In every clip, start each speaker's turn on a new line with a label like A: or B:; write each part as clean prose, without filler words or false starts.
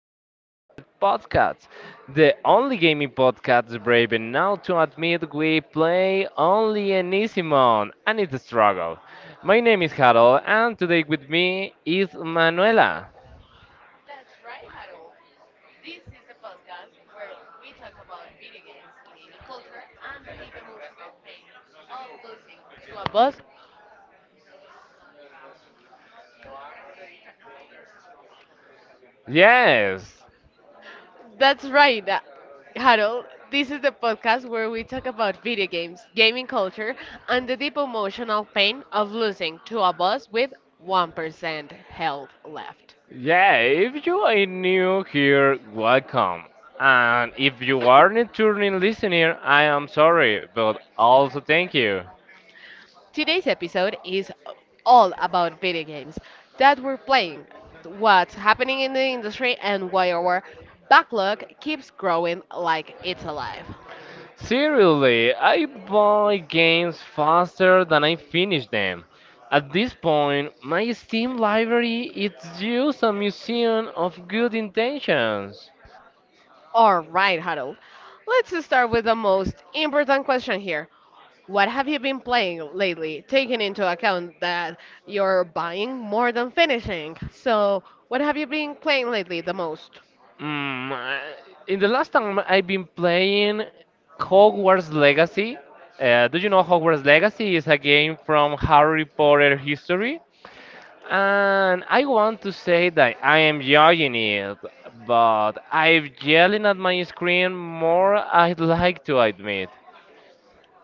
A: Press Start Podcast, the only gaming podcast brave enough to admit we play only an easy mode, and it's a struggle. My name is Harold, and today with me is Manuela.
B: That's right, Harold. This is a podcast where we talk about video games, culture, and the emotional pain of losing to a boss.
A: Yes,
B: That's right, Harold. This is the podcast where we talk about video games, gaming culture, and the deep emotional pain of losing to a boss with 1% health left.
A: yeah, if you are new here, welcome. And if you are a returning listener, I am sorry, but also thank you.
B: Today's episode is all about video games that we're playing, what's happening in the industry, and why our backlog keeps growing like it's alive.
A: Seriously, I buy games faster than I finish them. At this point, my Steam library is just a museum of good intentions.
B: All right, Harold, let's just start with the most important question here. What have you been playing lately, taking into account that you're buying more than finishing? So, what have you been playing lately the most?
A: Mm, I- in the last time I've been playing Hogwarts Legacy. Do you know Hogwarts Legacy is a game from Harry Potter history? And I want to say that I am enjoying it, but I'm yelling at my screen more I'd like to admit.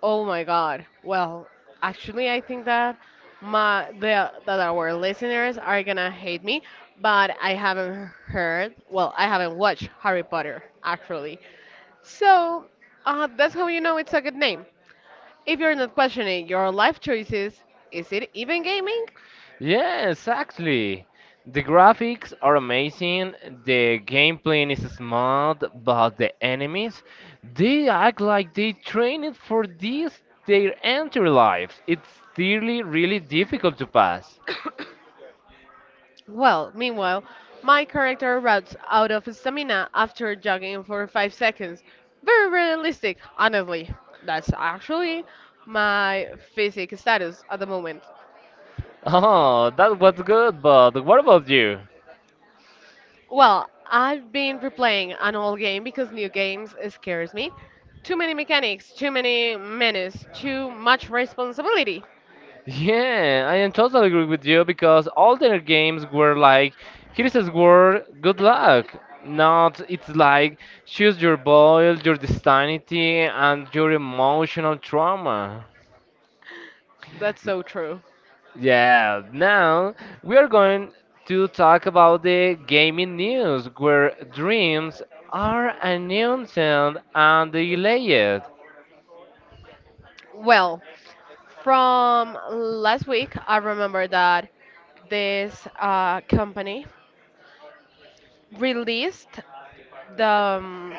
B: Oh my God. Well, actually, I think that my the that our listeners are gonna hate me, but I haven't heard. Well, I haven't watched Harry Potter actually. So, that's how you know it's a good name. If you're not questioning your life choices, is it even gaming?
A: Yes, actually. The graphics are amazing, the gameplay is smooth, but the enemies, they act like they trained for this their entire lives. It's really, really difficult to pass.
B: Well, meanwhile, my character runs out of stamina after jogging for 5 seconds. Very realistic, honestly. That's actually my physic status at the moment.
A: Oh, that was good, but what about you?
B: Well, I've been replaying an old game because new games scares me. Too many mechanics, too many menus, too much responsibility.
A: Yeah, I am totally agree with you because all their games were like, here's a sword, good luck. Not, it's like, choose your boil, your destiny, and your emotional trauma.
B: That's so true.
A: Yeah, now we are going to talk about the gaming news where dreams are announced and delayed.
B: Well, from last week, I remember that this company released the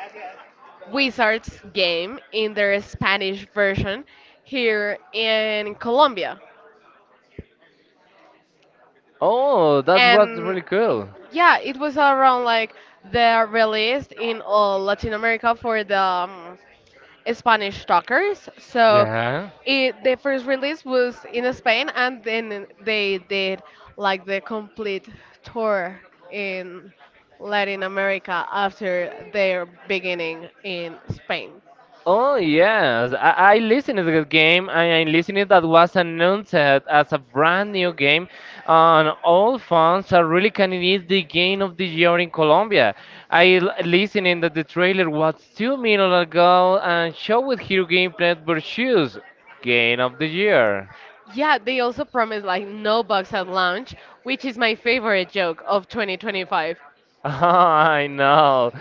B: Wizards game in their Spanish version here in Colombia.
A: Oh, that was
B: And
A: really cool.
B: yeah, it was around like the released in all Latin America for the Spanish talkers. So
A: Yeah.
B: it, the first release was in Spain, and then they did like the complete tour in Latin America after their beginning in Spain.
A: Oh yes, I listened to the game and I listened that was announced as a brand new game and all fans are really can it is the game of the year in Colombia. Listened that the trailer was two minutes ago and showed hero gameplay versus game of the year.
B: Yeah, they also promised like no bugs at launch, which is my favorite joke of 2025.
A: I know.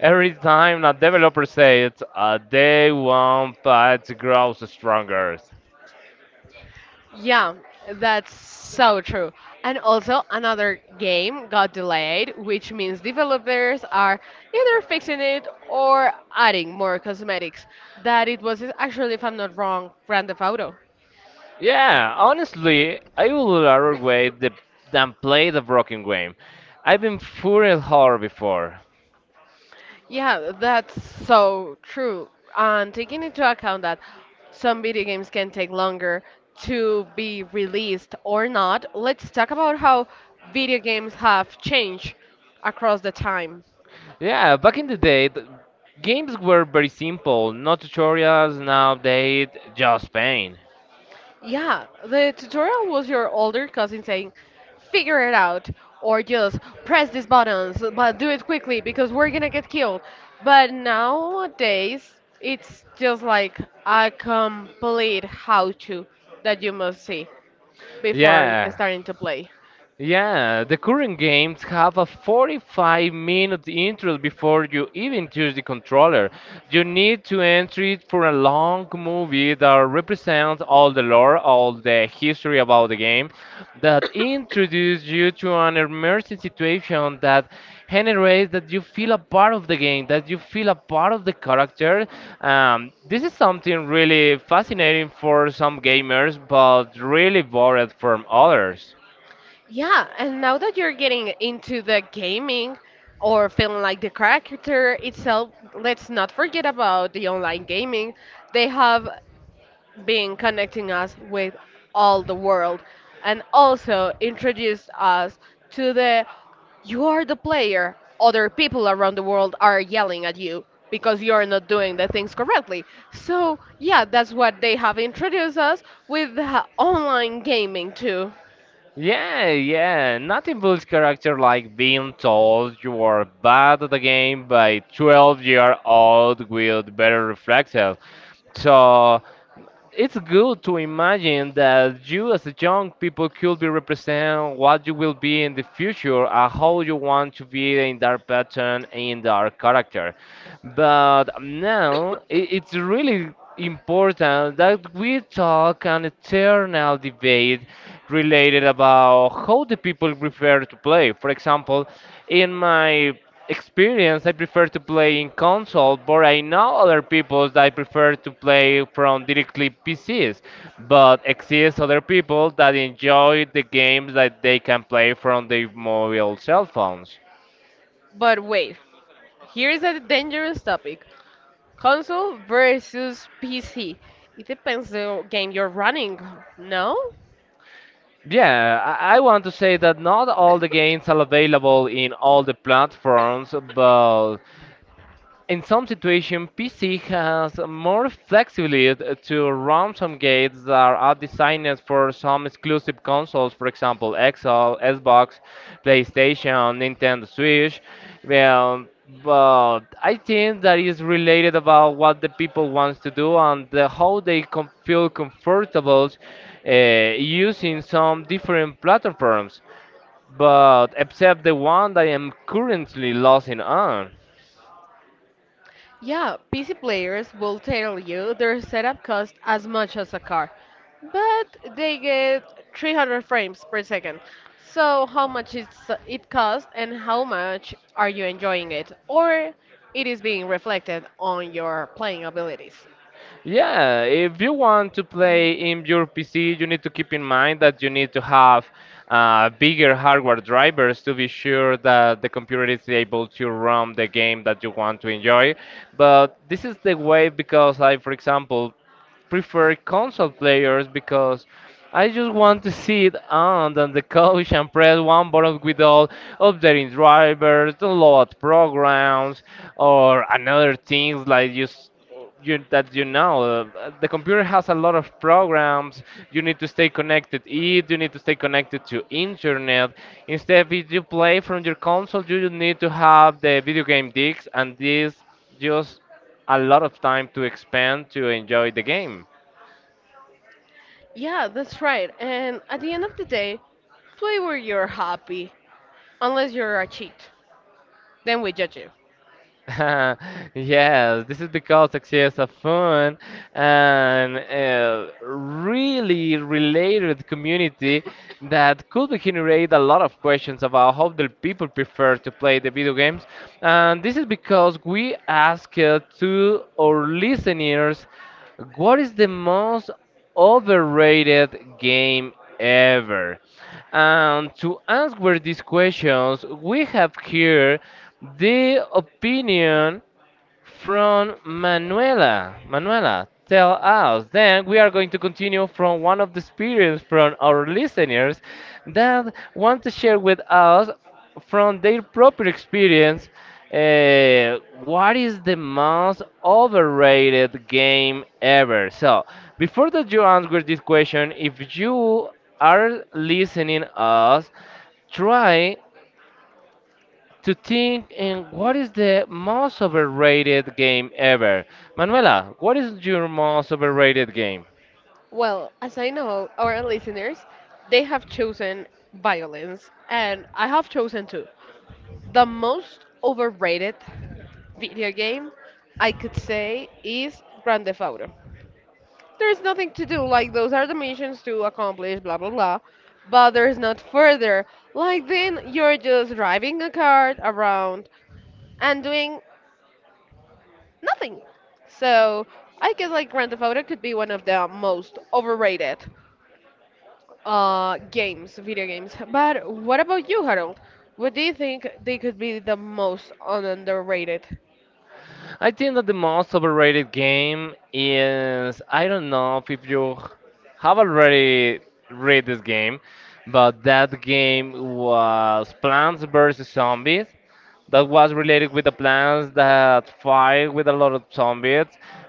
A: Every time a developer says a day one patch grows stronger.
B: Yeah, that's so true. And also another game got delayed, which means developers are either fixing it or adding more cosmetics. That it was actually, if I'm not wrong, Grand Theft Auto.
A: Yeah, honestly, I would rather wait the, than play the broken game. I've been furious horror before.
B: Yeah, that's so true. And taking into account that some video games can take longer to be released or not, let's talk about how video games have changed across the time.
A: Yeah, back in the day, the games were very simple, no tutorials, no update, just pain.
B: Yeah, the tutorial was your older cousin saying, figure it out, or just press these buttons, but do it quickly because we're gonna get killed. But nowadays, it's just like a complete how to that you must see before
A: Yeah.
B: starting to play.
A: Yeah, the current games have a 45-minute intro before you even touch the controller. You need to enter it for a long movie that represents all the lore, all the history about the game, that introduces you to an immersive situation that generates that you feel a part of the game, that you feel a part of the character. This is something really fascinating for some gamers, but really bored from others.
B: Yeah, and now that you're getting into the gaming or feeling like the character itself, let's not forget about the online gaming. They have being connecting us with all the world, and also introduced us to the, you are the player, other people around the world are yelling at you because you're not doing the things correctly. So yeah, that's what they have introduced us with the online gaming too.
A: Yeah, yeah. Nothing builds character like being told you are bad at the game by 12 year old with better reflexes. So it's good to imagine that you as a young people could be represent what you will be in the future and how you want to be in that pattern in that character, but now it's really important that we talk an eternal debate related about how the people prefer to play. For example, in my experience, I prefer to play in console, but I know other people that prefer to play from directly PCs. But exist other people that enjoy the games that they can play from their mobile cell phones.
B: But wait, here is a dangerous topic: console versus PC. It depends the game you're running, no?
A: Yeah, I want to say that not all the games are available in all the platforms, but in some situations, PC has more flexibility to run some gates that are designed for some exclusive consoles, for example, Xbox, PlayStation, Nintendo Switch. Well, but I think that is related about what the people wants to do and the, how they feel comfortable using some different platforms. But except the one that I am currently losing on.
B: Yeah, PC players will tell you their setup costs as much as a car, but they get 300 frames per second. So, how much it's, it costs and how much are you enjoying it? Or it is being reflected on your playing abilities.
A: Yeah, if you want to play in your PC, you need to keep in mind that you need to have bigger hardware drivers to be sure that the computer is able to run the game that you want to enjoy. But this is the way because I, for example, prefer console players because I just want to sit on the couch and press one button with all updating drivers, download programs, or another things like just you, that you know. The computer has a lot of programs. You need to stay connected it. You need to stay connected to internet. Instead, if you play from your console, you need to have the video game discs, and this just a lot of time to expand to enjoy the game.
B: Yeah, that's right. And at the end of the day, play where you're happy, unless you're a cheat. Then we judge you.
A: Yes, this is because success of fun and a really related community that could generate a lot of questions about how the people prefer to play the video games. And this is because we asked to our listeners what is the most overrated game ever? And to answer these questions, we have here the opinion from Manuela. Manuela, tell us. Then we are going to continue from one of the experience from our listeners that want to share with us from their proper experience what is the most overrated game ever. So before that you answer this question, if you are listening us, try to think in what is the most overrated game ever. Manuela, what is your most overrated game?
B: Well, as I know, our listeners, they have chosen violence, and I have chosen too. The most overrated video game I could say is Grand Theft Auto. There's nothing to do, like those are the missions to accomplish, blah blah blah, but there's not further. Like then you're just driving a car around and doing nothing. So I guess like Grand Theft Auto could be one of the most overrated. Games, video games. But what about you, Harold? What do you think they could be the most underrated?
A: I think that the most overrated game is I don't know if you have already read this game, but that game was Plants vs Zombies. That was related with the plants that fight with a lot of zombies.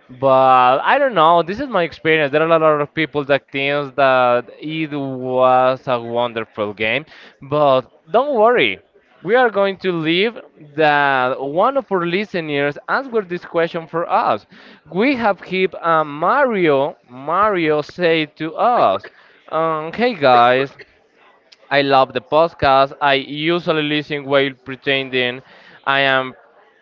A: But I don't know. This is my experience. There are a lot of people that thinks that it was a wonderful game, but don't worry. We are going to leave that one of our listeners answered this question for us. We have keep Mario. Mario say to us, "Hey guys, I love the podcast. I usually listen while pretending I am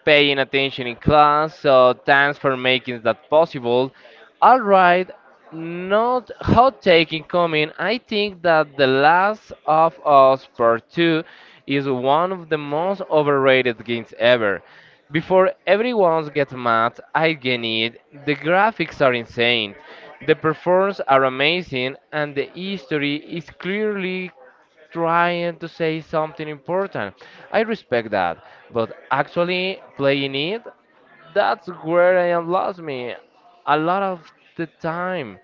A: paying attention in class, so thanks for making that possible. All right, not hot taking coming. I think that The Last of Us Part 2 is one of the most overrated games ever. Before everyone gets mad, I get it. The graphics are insane, the performances are amazing, and the history is clearly trying to say something important. I respect that, but actually playing it, that's where I am lost me. A lot of the time,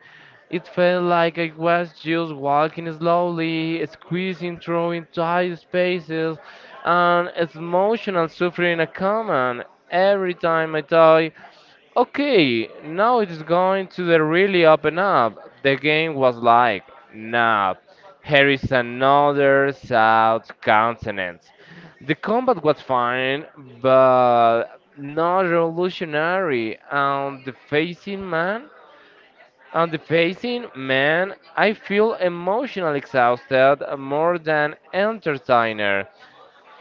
A: it felt like I was just walking slowly, squeezing through tight spaces, and emotional suffering a common. Every time I thought, okay, now it is going to the really open up. The game was like, nah, here is another South Continent. The combat was fine, but not revolutionary. On the facing man, I feel emotionally exhausted more than entertainer.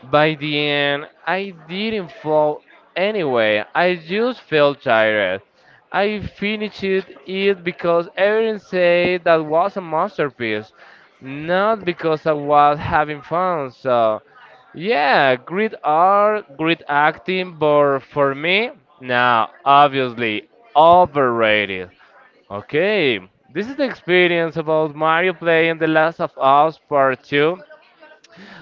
A: By the end, I didn't fall anyway. I just felt tired. I finished it because everyone said that was a masterpiece, not because I was having fun. So, yeah, great art, great acting, but for me, now obviously overrated. Okay, this is the experience about Mario playing The Last of Us Part 2.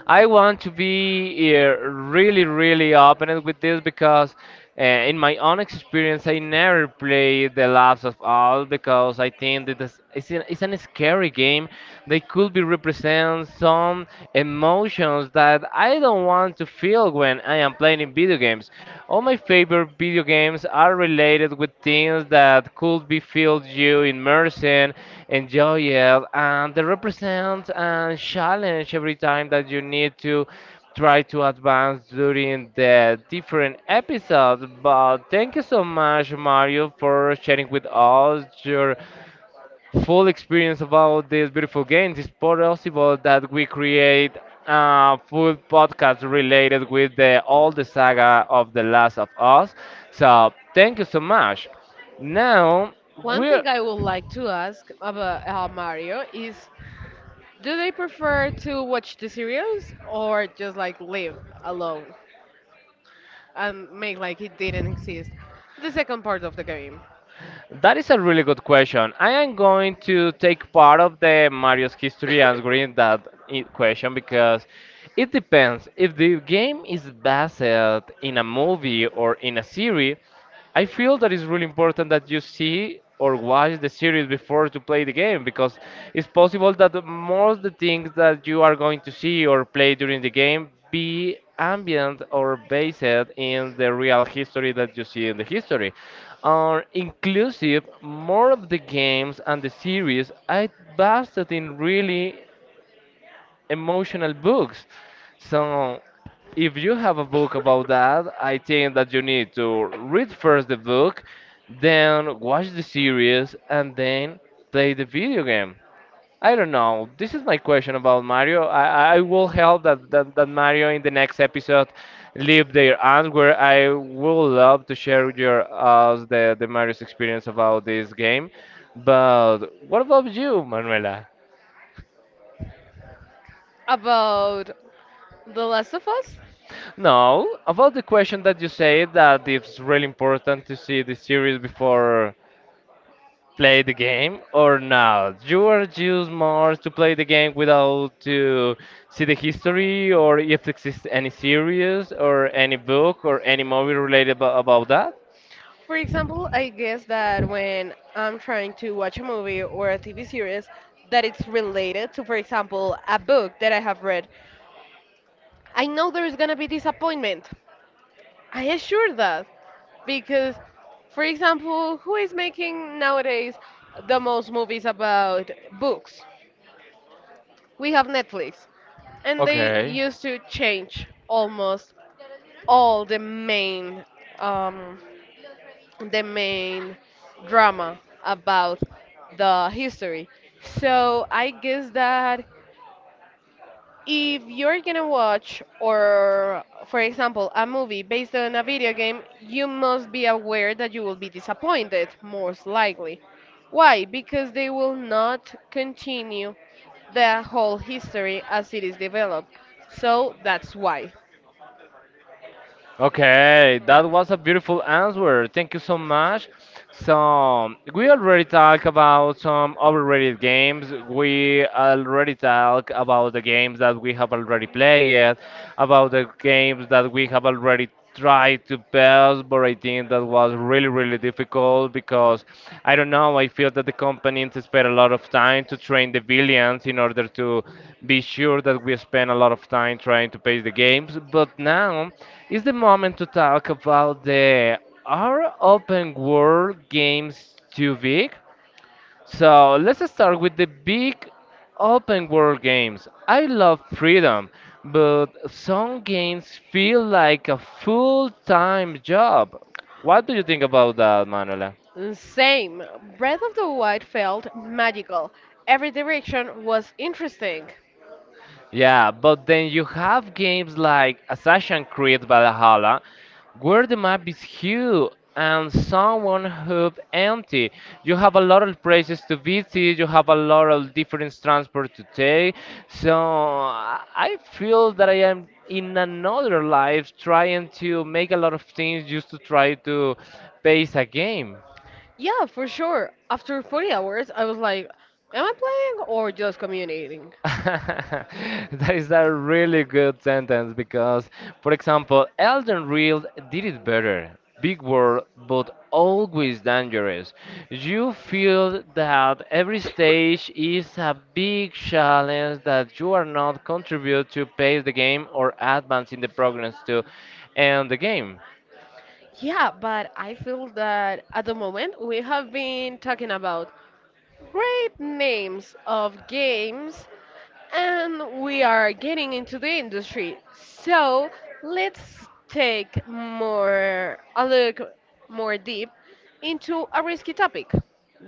A: I want to be really, really open with this because, in my own experience, I never played The Last of All because I think that it's an scary game. They could be represent some emotions that I don't want to feel when I am playing in video games. All my favorite video games are related with things that could be filled you immersion, enjoy it, and they represent and challenge every time that you need to try to advance during the different episodes. But thank you so much, Mario, for sharing with us your full experience about this beautiful game. It's possible that we create a full podcast related with the all the saga of The Last of Us. So thank you so much. Now
B: One
A: we're
B: thing I would like to ask about Mario is, do they prefer to watch the series or just like live alone and make like it didn't exist? The second part of the game.
A: That is a really good question. I am going to take part of the Mario's history answering that question because it depends. If the game is based in a movie or in a series, I feel that it's really important that you see or watch the series before to play the game because it's possible that most the things that you are going to see or play during the game be ambient or based in the real history that you see in the history. Are inclusive, more of the games and the series I based it in really emotional books. So if you have a book about that, I think that you need to read first the book, then watch the series, and then play the video game. I don't know. This is my question about Mario. I will help that, that Mario in the next episode leave their answer. I will love to share with your us the Mario's experience about this game. But what about you, Manuela?
B: About The Last of Us?
A: No, about the question that you say that it's really important to see the series before play the game or not. You are just more to play the game without to see the history or if exists any series or any book or any movie related about that.
B: For example, I guess that when I'm trying to watch a movie or a TV series that it's related to, for example, a book that I have read, I know there's gonna be disappointment. I assure that. Because, for example, who is making nowadays the most movies about books? We have Netflix. And they
A: Okay.
B: used to change almost all the main um, the main drama about the history. So I guess that if you're gonna watch, or for example, a movie based on a video game, you must be aware that you will be disappointed, most likely. Why? Because they will not continue the whole history as it is developed. So that's why.
A: Okay, that was a beautiful answer. Thank you so much. So, we already talked about some overrated games. We already talked about the games that we have already played, about the games that we have already tried to pass, but I think that was really, really difficult because I don't know. I feel that the companies spend a lot of time to train the villains in order to be sure that we spend a lot of time trying to pace the games. But now is the moment to talk about the are open world games too big? So let's start with the big open world games. I love freedom, but some games feel like a full time job. What do you think about that, Manuela?
B: Same. Breath of the Wild felt magical. Every direction was interesting.
A: Yeah, but then you have games like Assassin's Creed Valhalla, where the map is huge and someone hub empty. You have a lot of places to visit, you have a lot of different transport to take. So I feel that I am in another life trying to make a lot of things just to try to pace a game.
B: Yeah, for sure. After 40 hours, I was like, am I playing or just communicating?
A: That is a really good sentence because, for example, Elden Ring did it better. Big world, but always dangerous. You feel that every stage is a big challenge that you are not contribute to pace the game or advance in the progress to end the game.
B: Yeah, but I feel that at the moment we have been talking about great names of games. And we are getting into the industry. So let's take more a look more deep into a risky topic.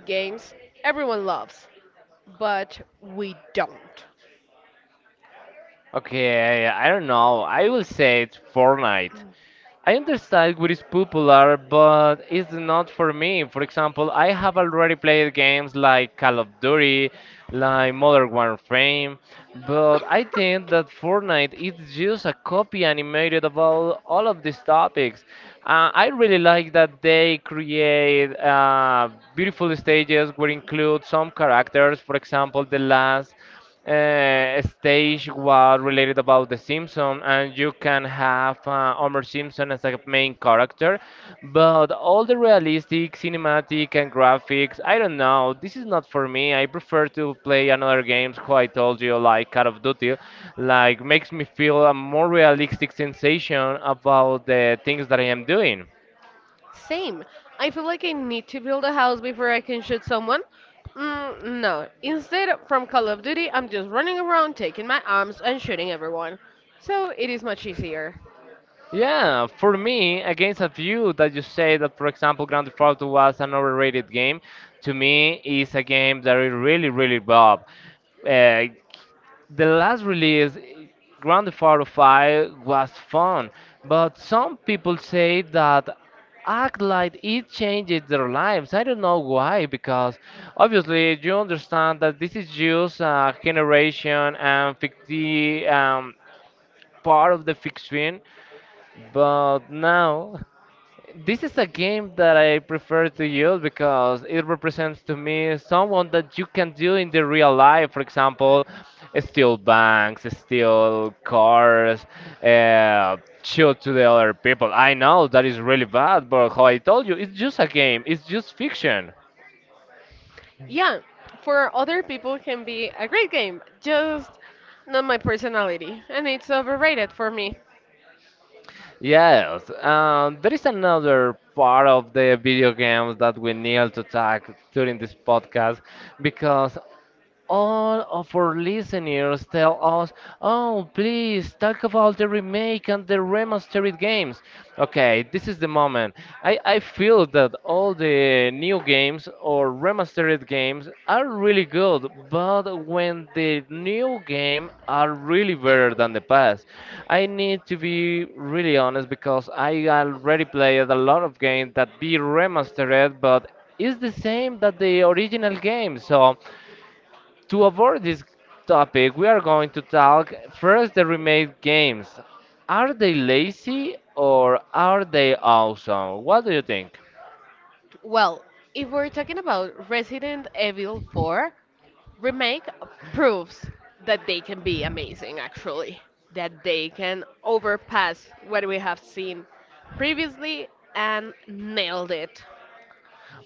B: Games everyone loves, but we don't.
A: Okay, I don't know. I will say it's Fortnite. I understand what is popular, but it's not for me. For example, I have already played games like Call of Duty, like Modern Warfare, but I think that Fortnite is just a copy animated about all of these topics. I really like that they create beautiful stages which include some characters, for example, the last stage was related about The Simpsons, and you can have Homer Simpson as a main character, but all the realistic, cinematic, and graphics, I don't know. This is not for me. I prefer to play another games, who I told you, like Call of Duty, like makes me feel a more realistic sensation about the things that I am doing.
B: Same. I feel like I need to build a house before I can shoot someone. Mm, no. Instead, from Call of Duty, I'm just running around, taking my arms, and shooting everyone. So it is much easier.
A: Yeah, for me, against a view that you say that, for example, Grand Theft Auto was an overrated game, to me is a game that is really, really bob. Uh, the last release, Grand Theft Auto 5, was fun, but some people say that act like it changes their lives. I don't know why, because obviously you understand that this is just a generation and ficti part of the fiction, but now, this is a game that I prefer to use because it represents to me someone that you can do in the real life. For example, steal banks, steal cars, uh, shoot to the other people. I know that is really bad, but how I told you, it's just a game, it's just fiction.
B: Yeah, for other people can be a great game, just not my personality, and it's overrated for me.
A: Yes, there is another part of the video games that we need to talk during this podcast because all of our listeners tell us, oh, please talk about the remake and the remastered games. Okay, this is the moment. I feel that all the new games or remastered games are really good, but when the new game are really better than the past, I need to be really honest because I already played a lot of games that be remastered, but is the same that the original game. So to avoid this topic, we are going to talk first the remade games. Are they lazy or are they awesome? What do you think?
B: Well, if we're talking about Resident Evil 4, Remake proves that they can be amazing actually, that they can overpass what we have seen previously and nailed it.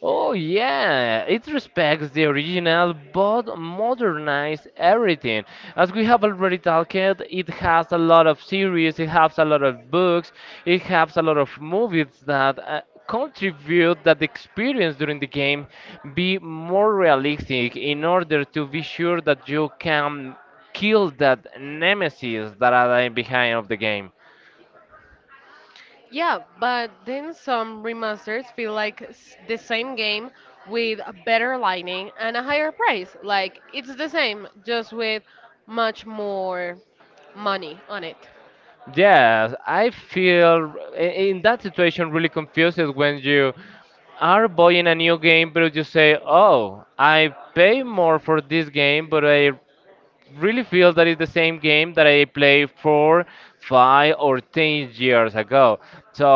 A: Oh, yeah, it respects the original but modernized everything. As we have already talked, it has a lot of series, it has a lot of books, it has a lot of movies that contribute that the experience during the game be more realistic in order to be sure that you can kill that nemesis that are behind of the game.
B: Yeah, but then some remasters feel like the same game with a better lighting and a higher price. Like it's the same, just with much more money on it.
A: Yes, I feel in that situation really confused when you are buying a new game, but you say, "Oh, I pay more for this game, but I really feel that it's the same game that I played four, 5, or 10 years ago." So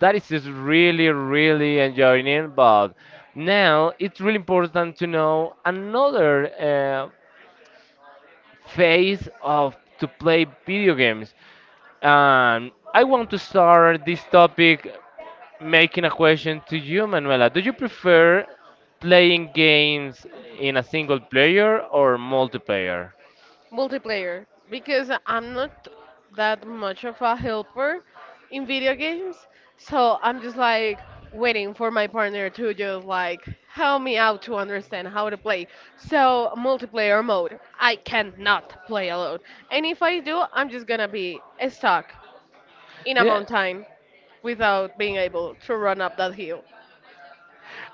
A: that is just really, really enjoying it. But now it's really important to know another phase of to play video games. I want to start this topic making a question to you, Manuela. Do you prefer playing games in a single player or multiplayer?
B: Multiplayer, because I'm not that much of a helper in video games. So I'm just like waiting for my partner to just like help me out to understand how to play. So multiplayer mode, I cannot play alone. And if I do, I'm just gonna be stuck in a
A: Yeah.
B: mountain without being able to run up that hill.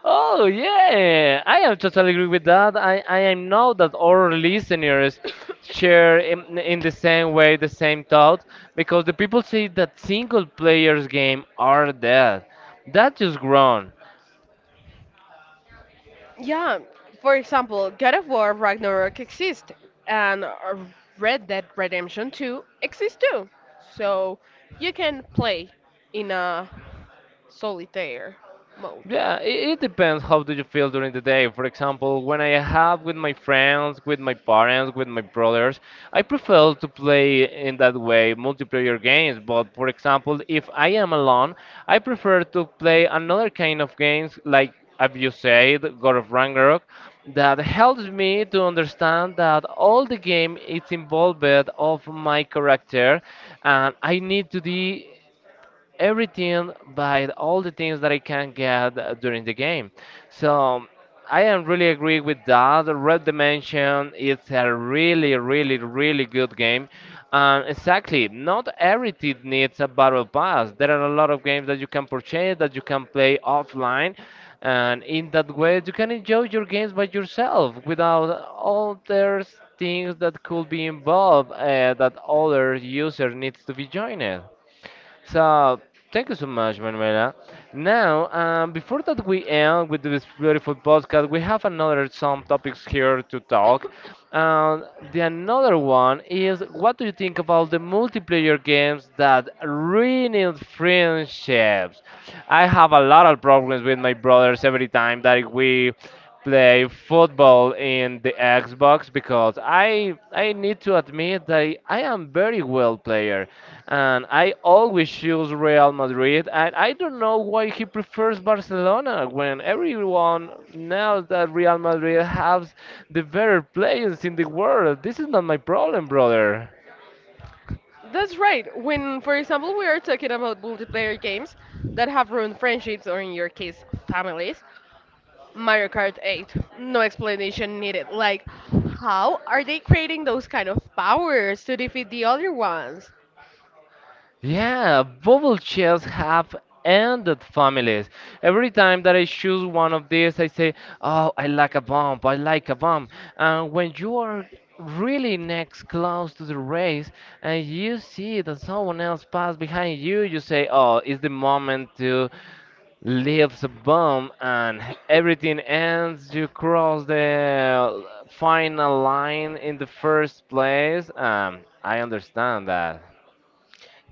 A: Oh yeah, I am totally agree with that. I know that our listeners share in the same way the same thought because the people say that single players game are dead. That is wrong.
B: Yeah, for example, God of War Ragnarok exists, and Red Dead Redemption 2 exists too. So you can play in a solitaire mode.
A: Yeah, it depends how do you feel during the day. For example, when I have with my friends, with my parents, with my brothers, I prefer to play in that way multiplayer games. But for example, if I am alone, I prefer to play another kind of games like as you said, God of Ragnarok, that helps me to understand that all the game is involved of my character, and I need to be everything by all the things that I can get during the game. So I am really agree with that. Red Dimension is a really, really, really good game. Exactly. Not everything needs a battle pass. There are a lot of games that you can purchase that you can play offline, and in that way you can enjoy your games by yourself without all there's things that could be involved that other user needs to be joined. So thank you so much, Manuela. Now, before that we end with this beautiful podcast, we have another some topics here to talk. Um, the another one is what do you think about the multiplayer games that ruin friendships? I have a lot of problems with my brothers every time that we play football in the Xbox because I need to admit that I am very well player and I always choose Real Madrid and I don't know why he prefers Barcelona when everyone knows that Real Madrid has the better players in the world. This is not my problem, brother.
B: That's right. When, for example, we are talking about multiplayer games that have ruined friendships or, in your case, families, Mario Kart 8, no explanation needed. Like, how are they creating those kind of powers to defeat the other ones?
A: Yeah, bubble chairs have ended families. Every time that I choose one of these, I say, oh, I like a bump, I like a bump. And when you are really next close to the race and you see that someone else passed behind you, you say, oh, it's the moment to leave the bump and everything ends. You cross the final line in the first place. I understand that.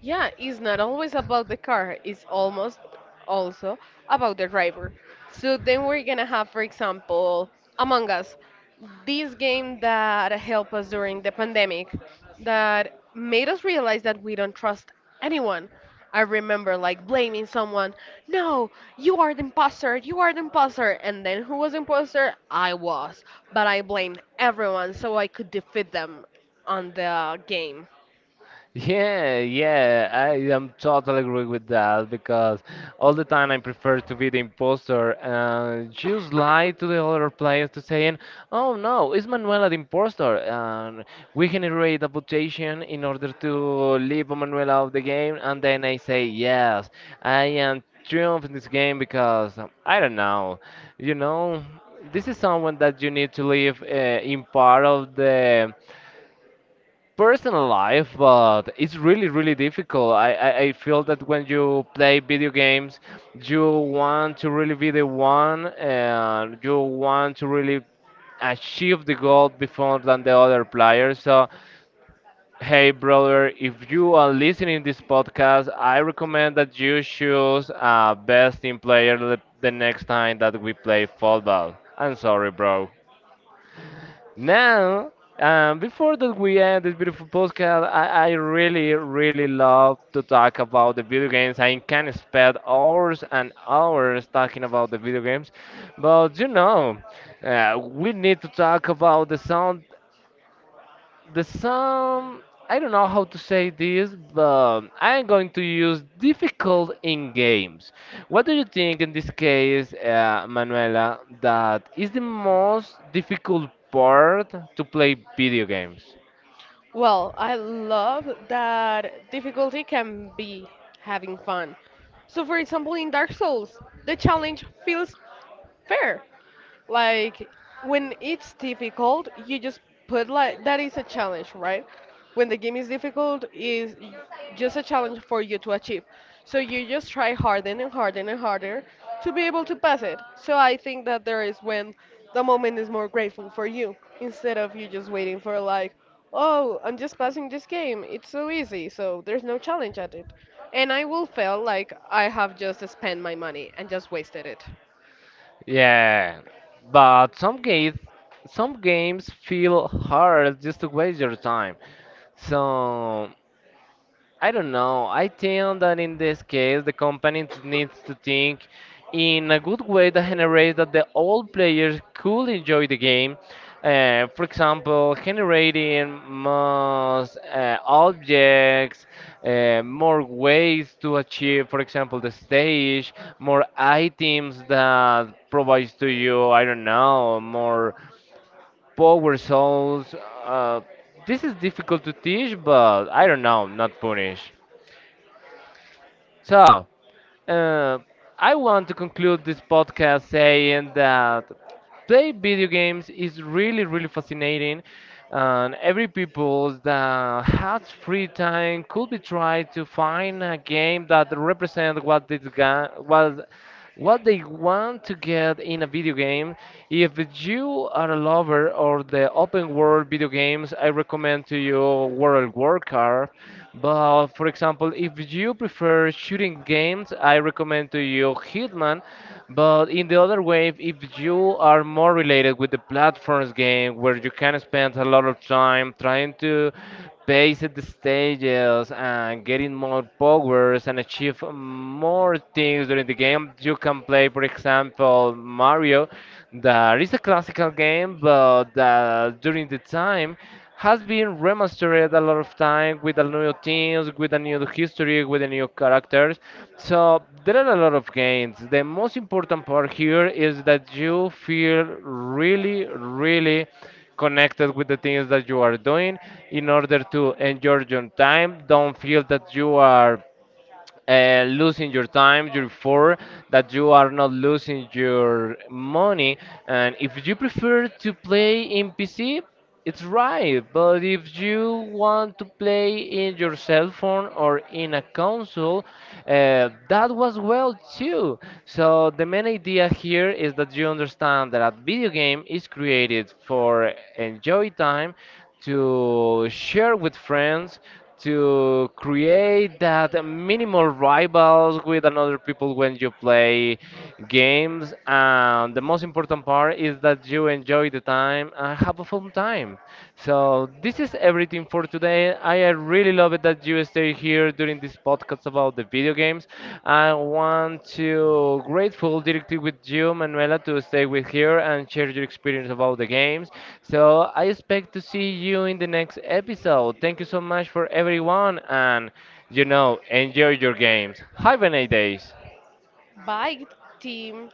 B: Yeah, it's not always about the car, it's almost also about the driver. So then we're gonna have, for example, Among Us, this game that helped us during the pandemic, that made us realize that we don't trust anyone. I remember like blaming someone, no, you are the imposter, you are the imposter. And then who was the imposter? I was. But I blamed everyone so I could defeat them on the game.
A: Yeah, yeah, I am totally agree with that because all the time I prefer to be the imposter and just lie to the other players to saying, "Oh no, it's Manuela the imposter," and we generate a votation in order to leave Manuela out of the game, and then I say, "Yes, I am triumph in this game because I don't know, you know, this is someone that you need to leave in part of the personal life, but it's really, really difficult. I feel that when you play video games, you want to really be the one and you want to really achieve the goal before than the other players. So, hey, brother, if you are listening this podcast, I recommend that you choose a best team player the next time that we play football. I'm sorry, bro. Now, before that we end this beautiful podcast, I really, really love to talk about the video games. I can spend hours and hours talking about the video games, but you know, we need to talk about the sound the some I don't know how to say this, but I'm going to use difficult in games. What do you think in this case, Manuela, that is the most difficult part to play video games?
B: Well, I love that difficulty can be having fun. So, for example, in Dark Souls, the challenge feels fair. Like when it's difficult, you just put like that is a challenge, right? When the game is difficult, is just a challenge for you to achieve. So you just try harder and harder and harder to be able to pass it. So I think that there is when the moment is more grateful for you instead of you just waiting for like, oh, I'm just passing this game. It's so easy, so there's no challenge at it. And I will feel like I have just spent my money and just wasted it.
A: Yeah, but some games feel hard just to waste your time. So I don't know. I think that in this case, the needs to think in a good way that generates that the old players could enjoy the game. For example, generating more objects, more ways to achieve, for example, the stage, more items that provides to you, I don't know, more power souls. Uh, this is difficult to teach, but I don't know, not punish. So, uh, I want to conclude this podcast saying that play video games is really, really fascinating, and every people that has free time could be try to find a game that represent what this guy what they want to get in a video game. If you are a lover of the open world video games, I recommend to you World of Warcraft. But for example, if you prefer shooting games, I recommend to you Hitman. But in the other way, if you are more related with the platforms game where you can spend a lot of time trying to pace the stages and getting more powers and achieve more things during the game, you can play, for example, Mario. That is a classical game, but during the time has been remastered a lot of time with the new teams, with the new history, with the new characters. So there are a lot of gains. The most important part here is that you feel really, really connected with the things that you are doing in order to enjoy your time. Don't feel that you are losing your time, your for that you are not losing your money. And if you prefer to play in PC, it's right. But if you want to play in your cell phone or in a console, that was well too. So the main idea here is that you understand that a video game is created for enjoy time to share with friends to create that minimal rivals with another people when you play games and the most important part is that you enjoy the time and have a fun time. So this is everything for today. I really love it that you stay here during this podcast about the video games. I want to grateful directly with you, Manuela, to stay with here and share your experience about the games. So I expect to see you in the next episode. Thank you so much for everyone, and you know, enjoy your games. Have a nice days.
B: Bike team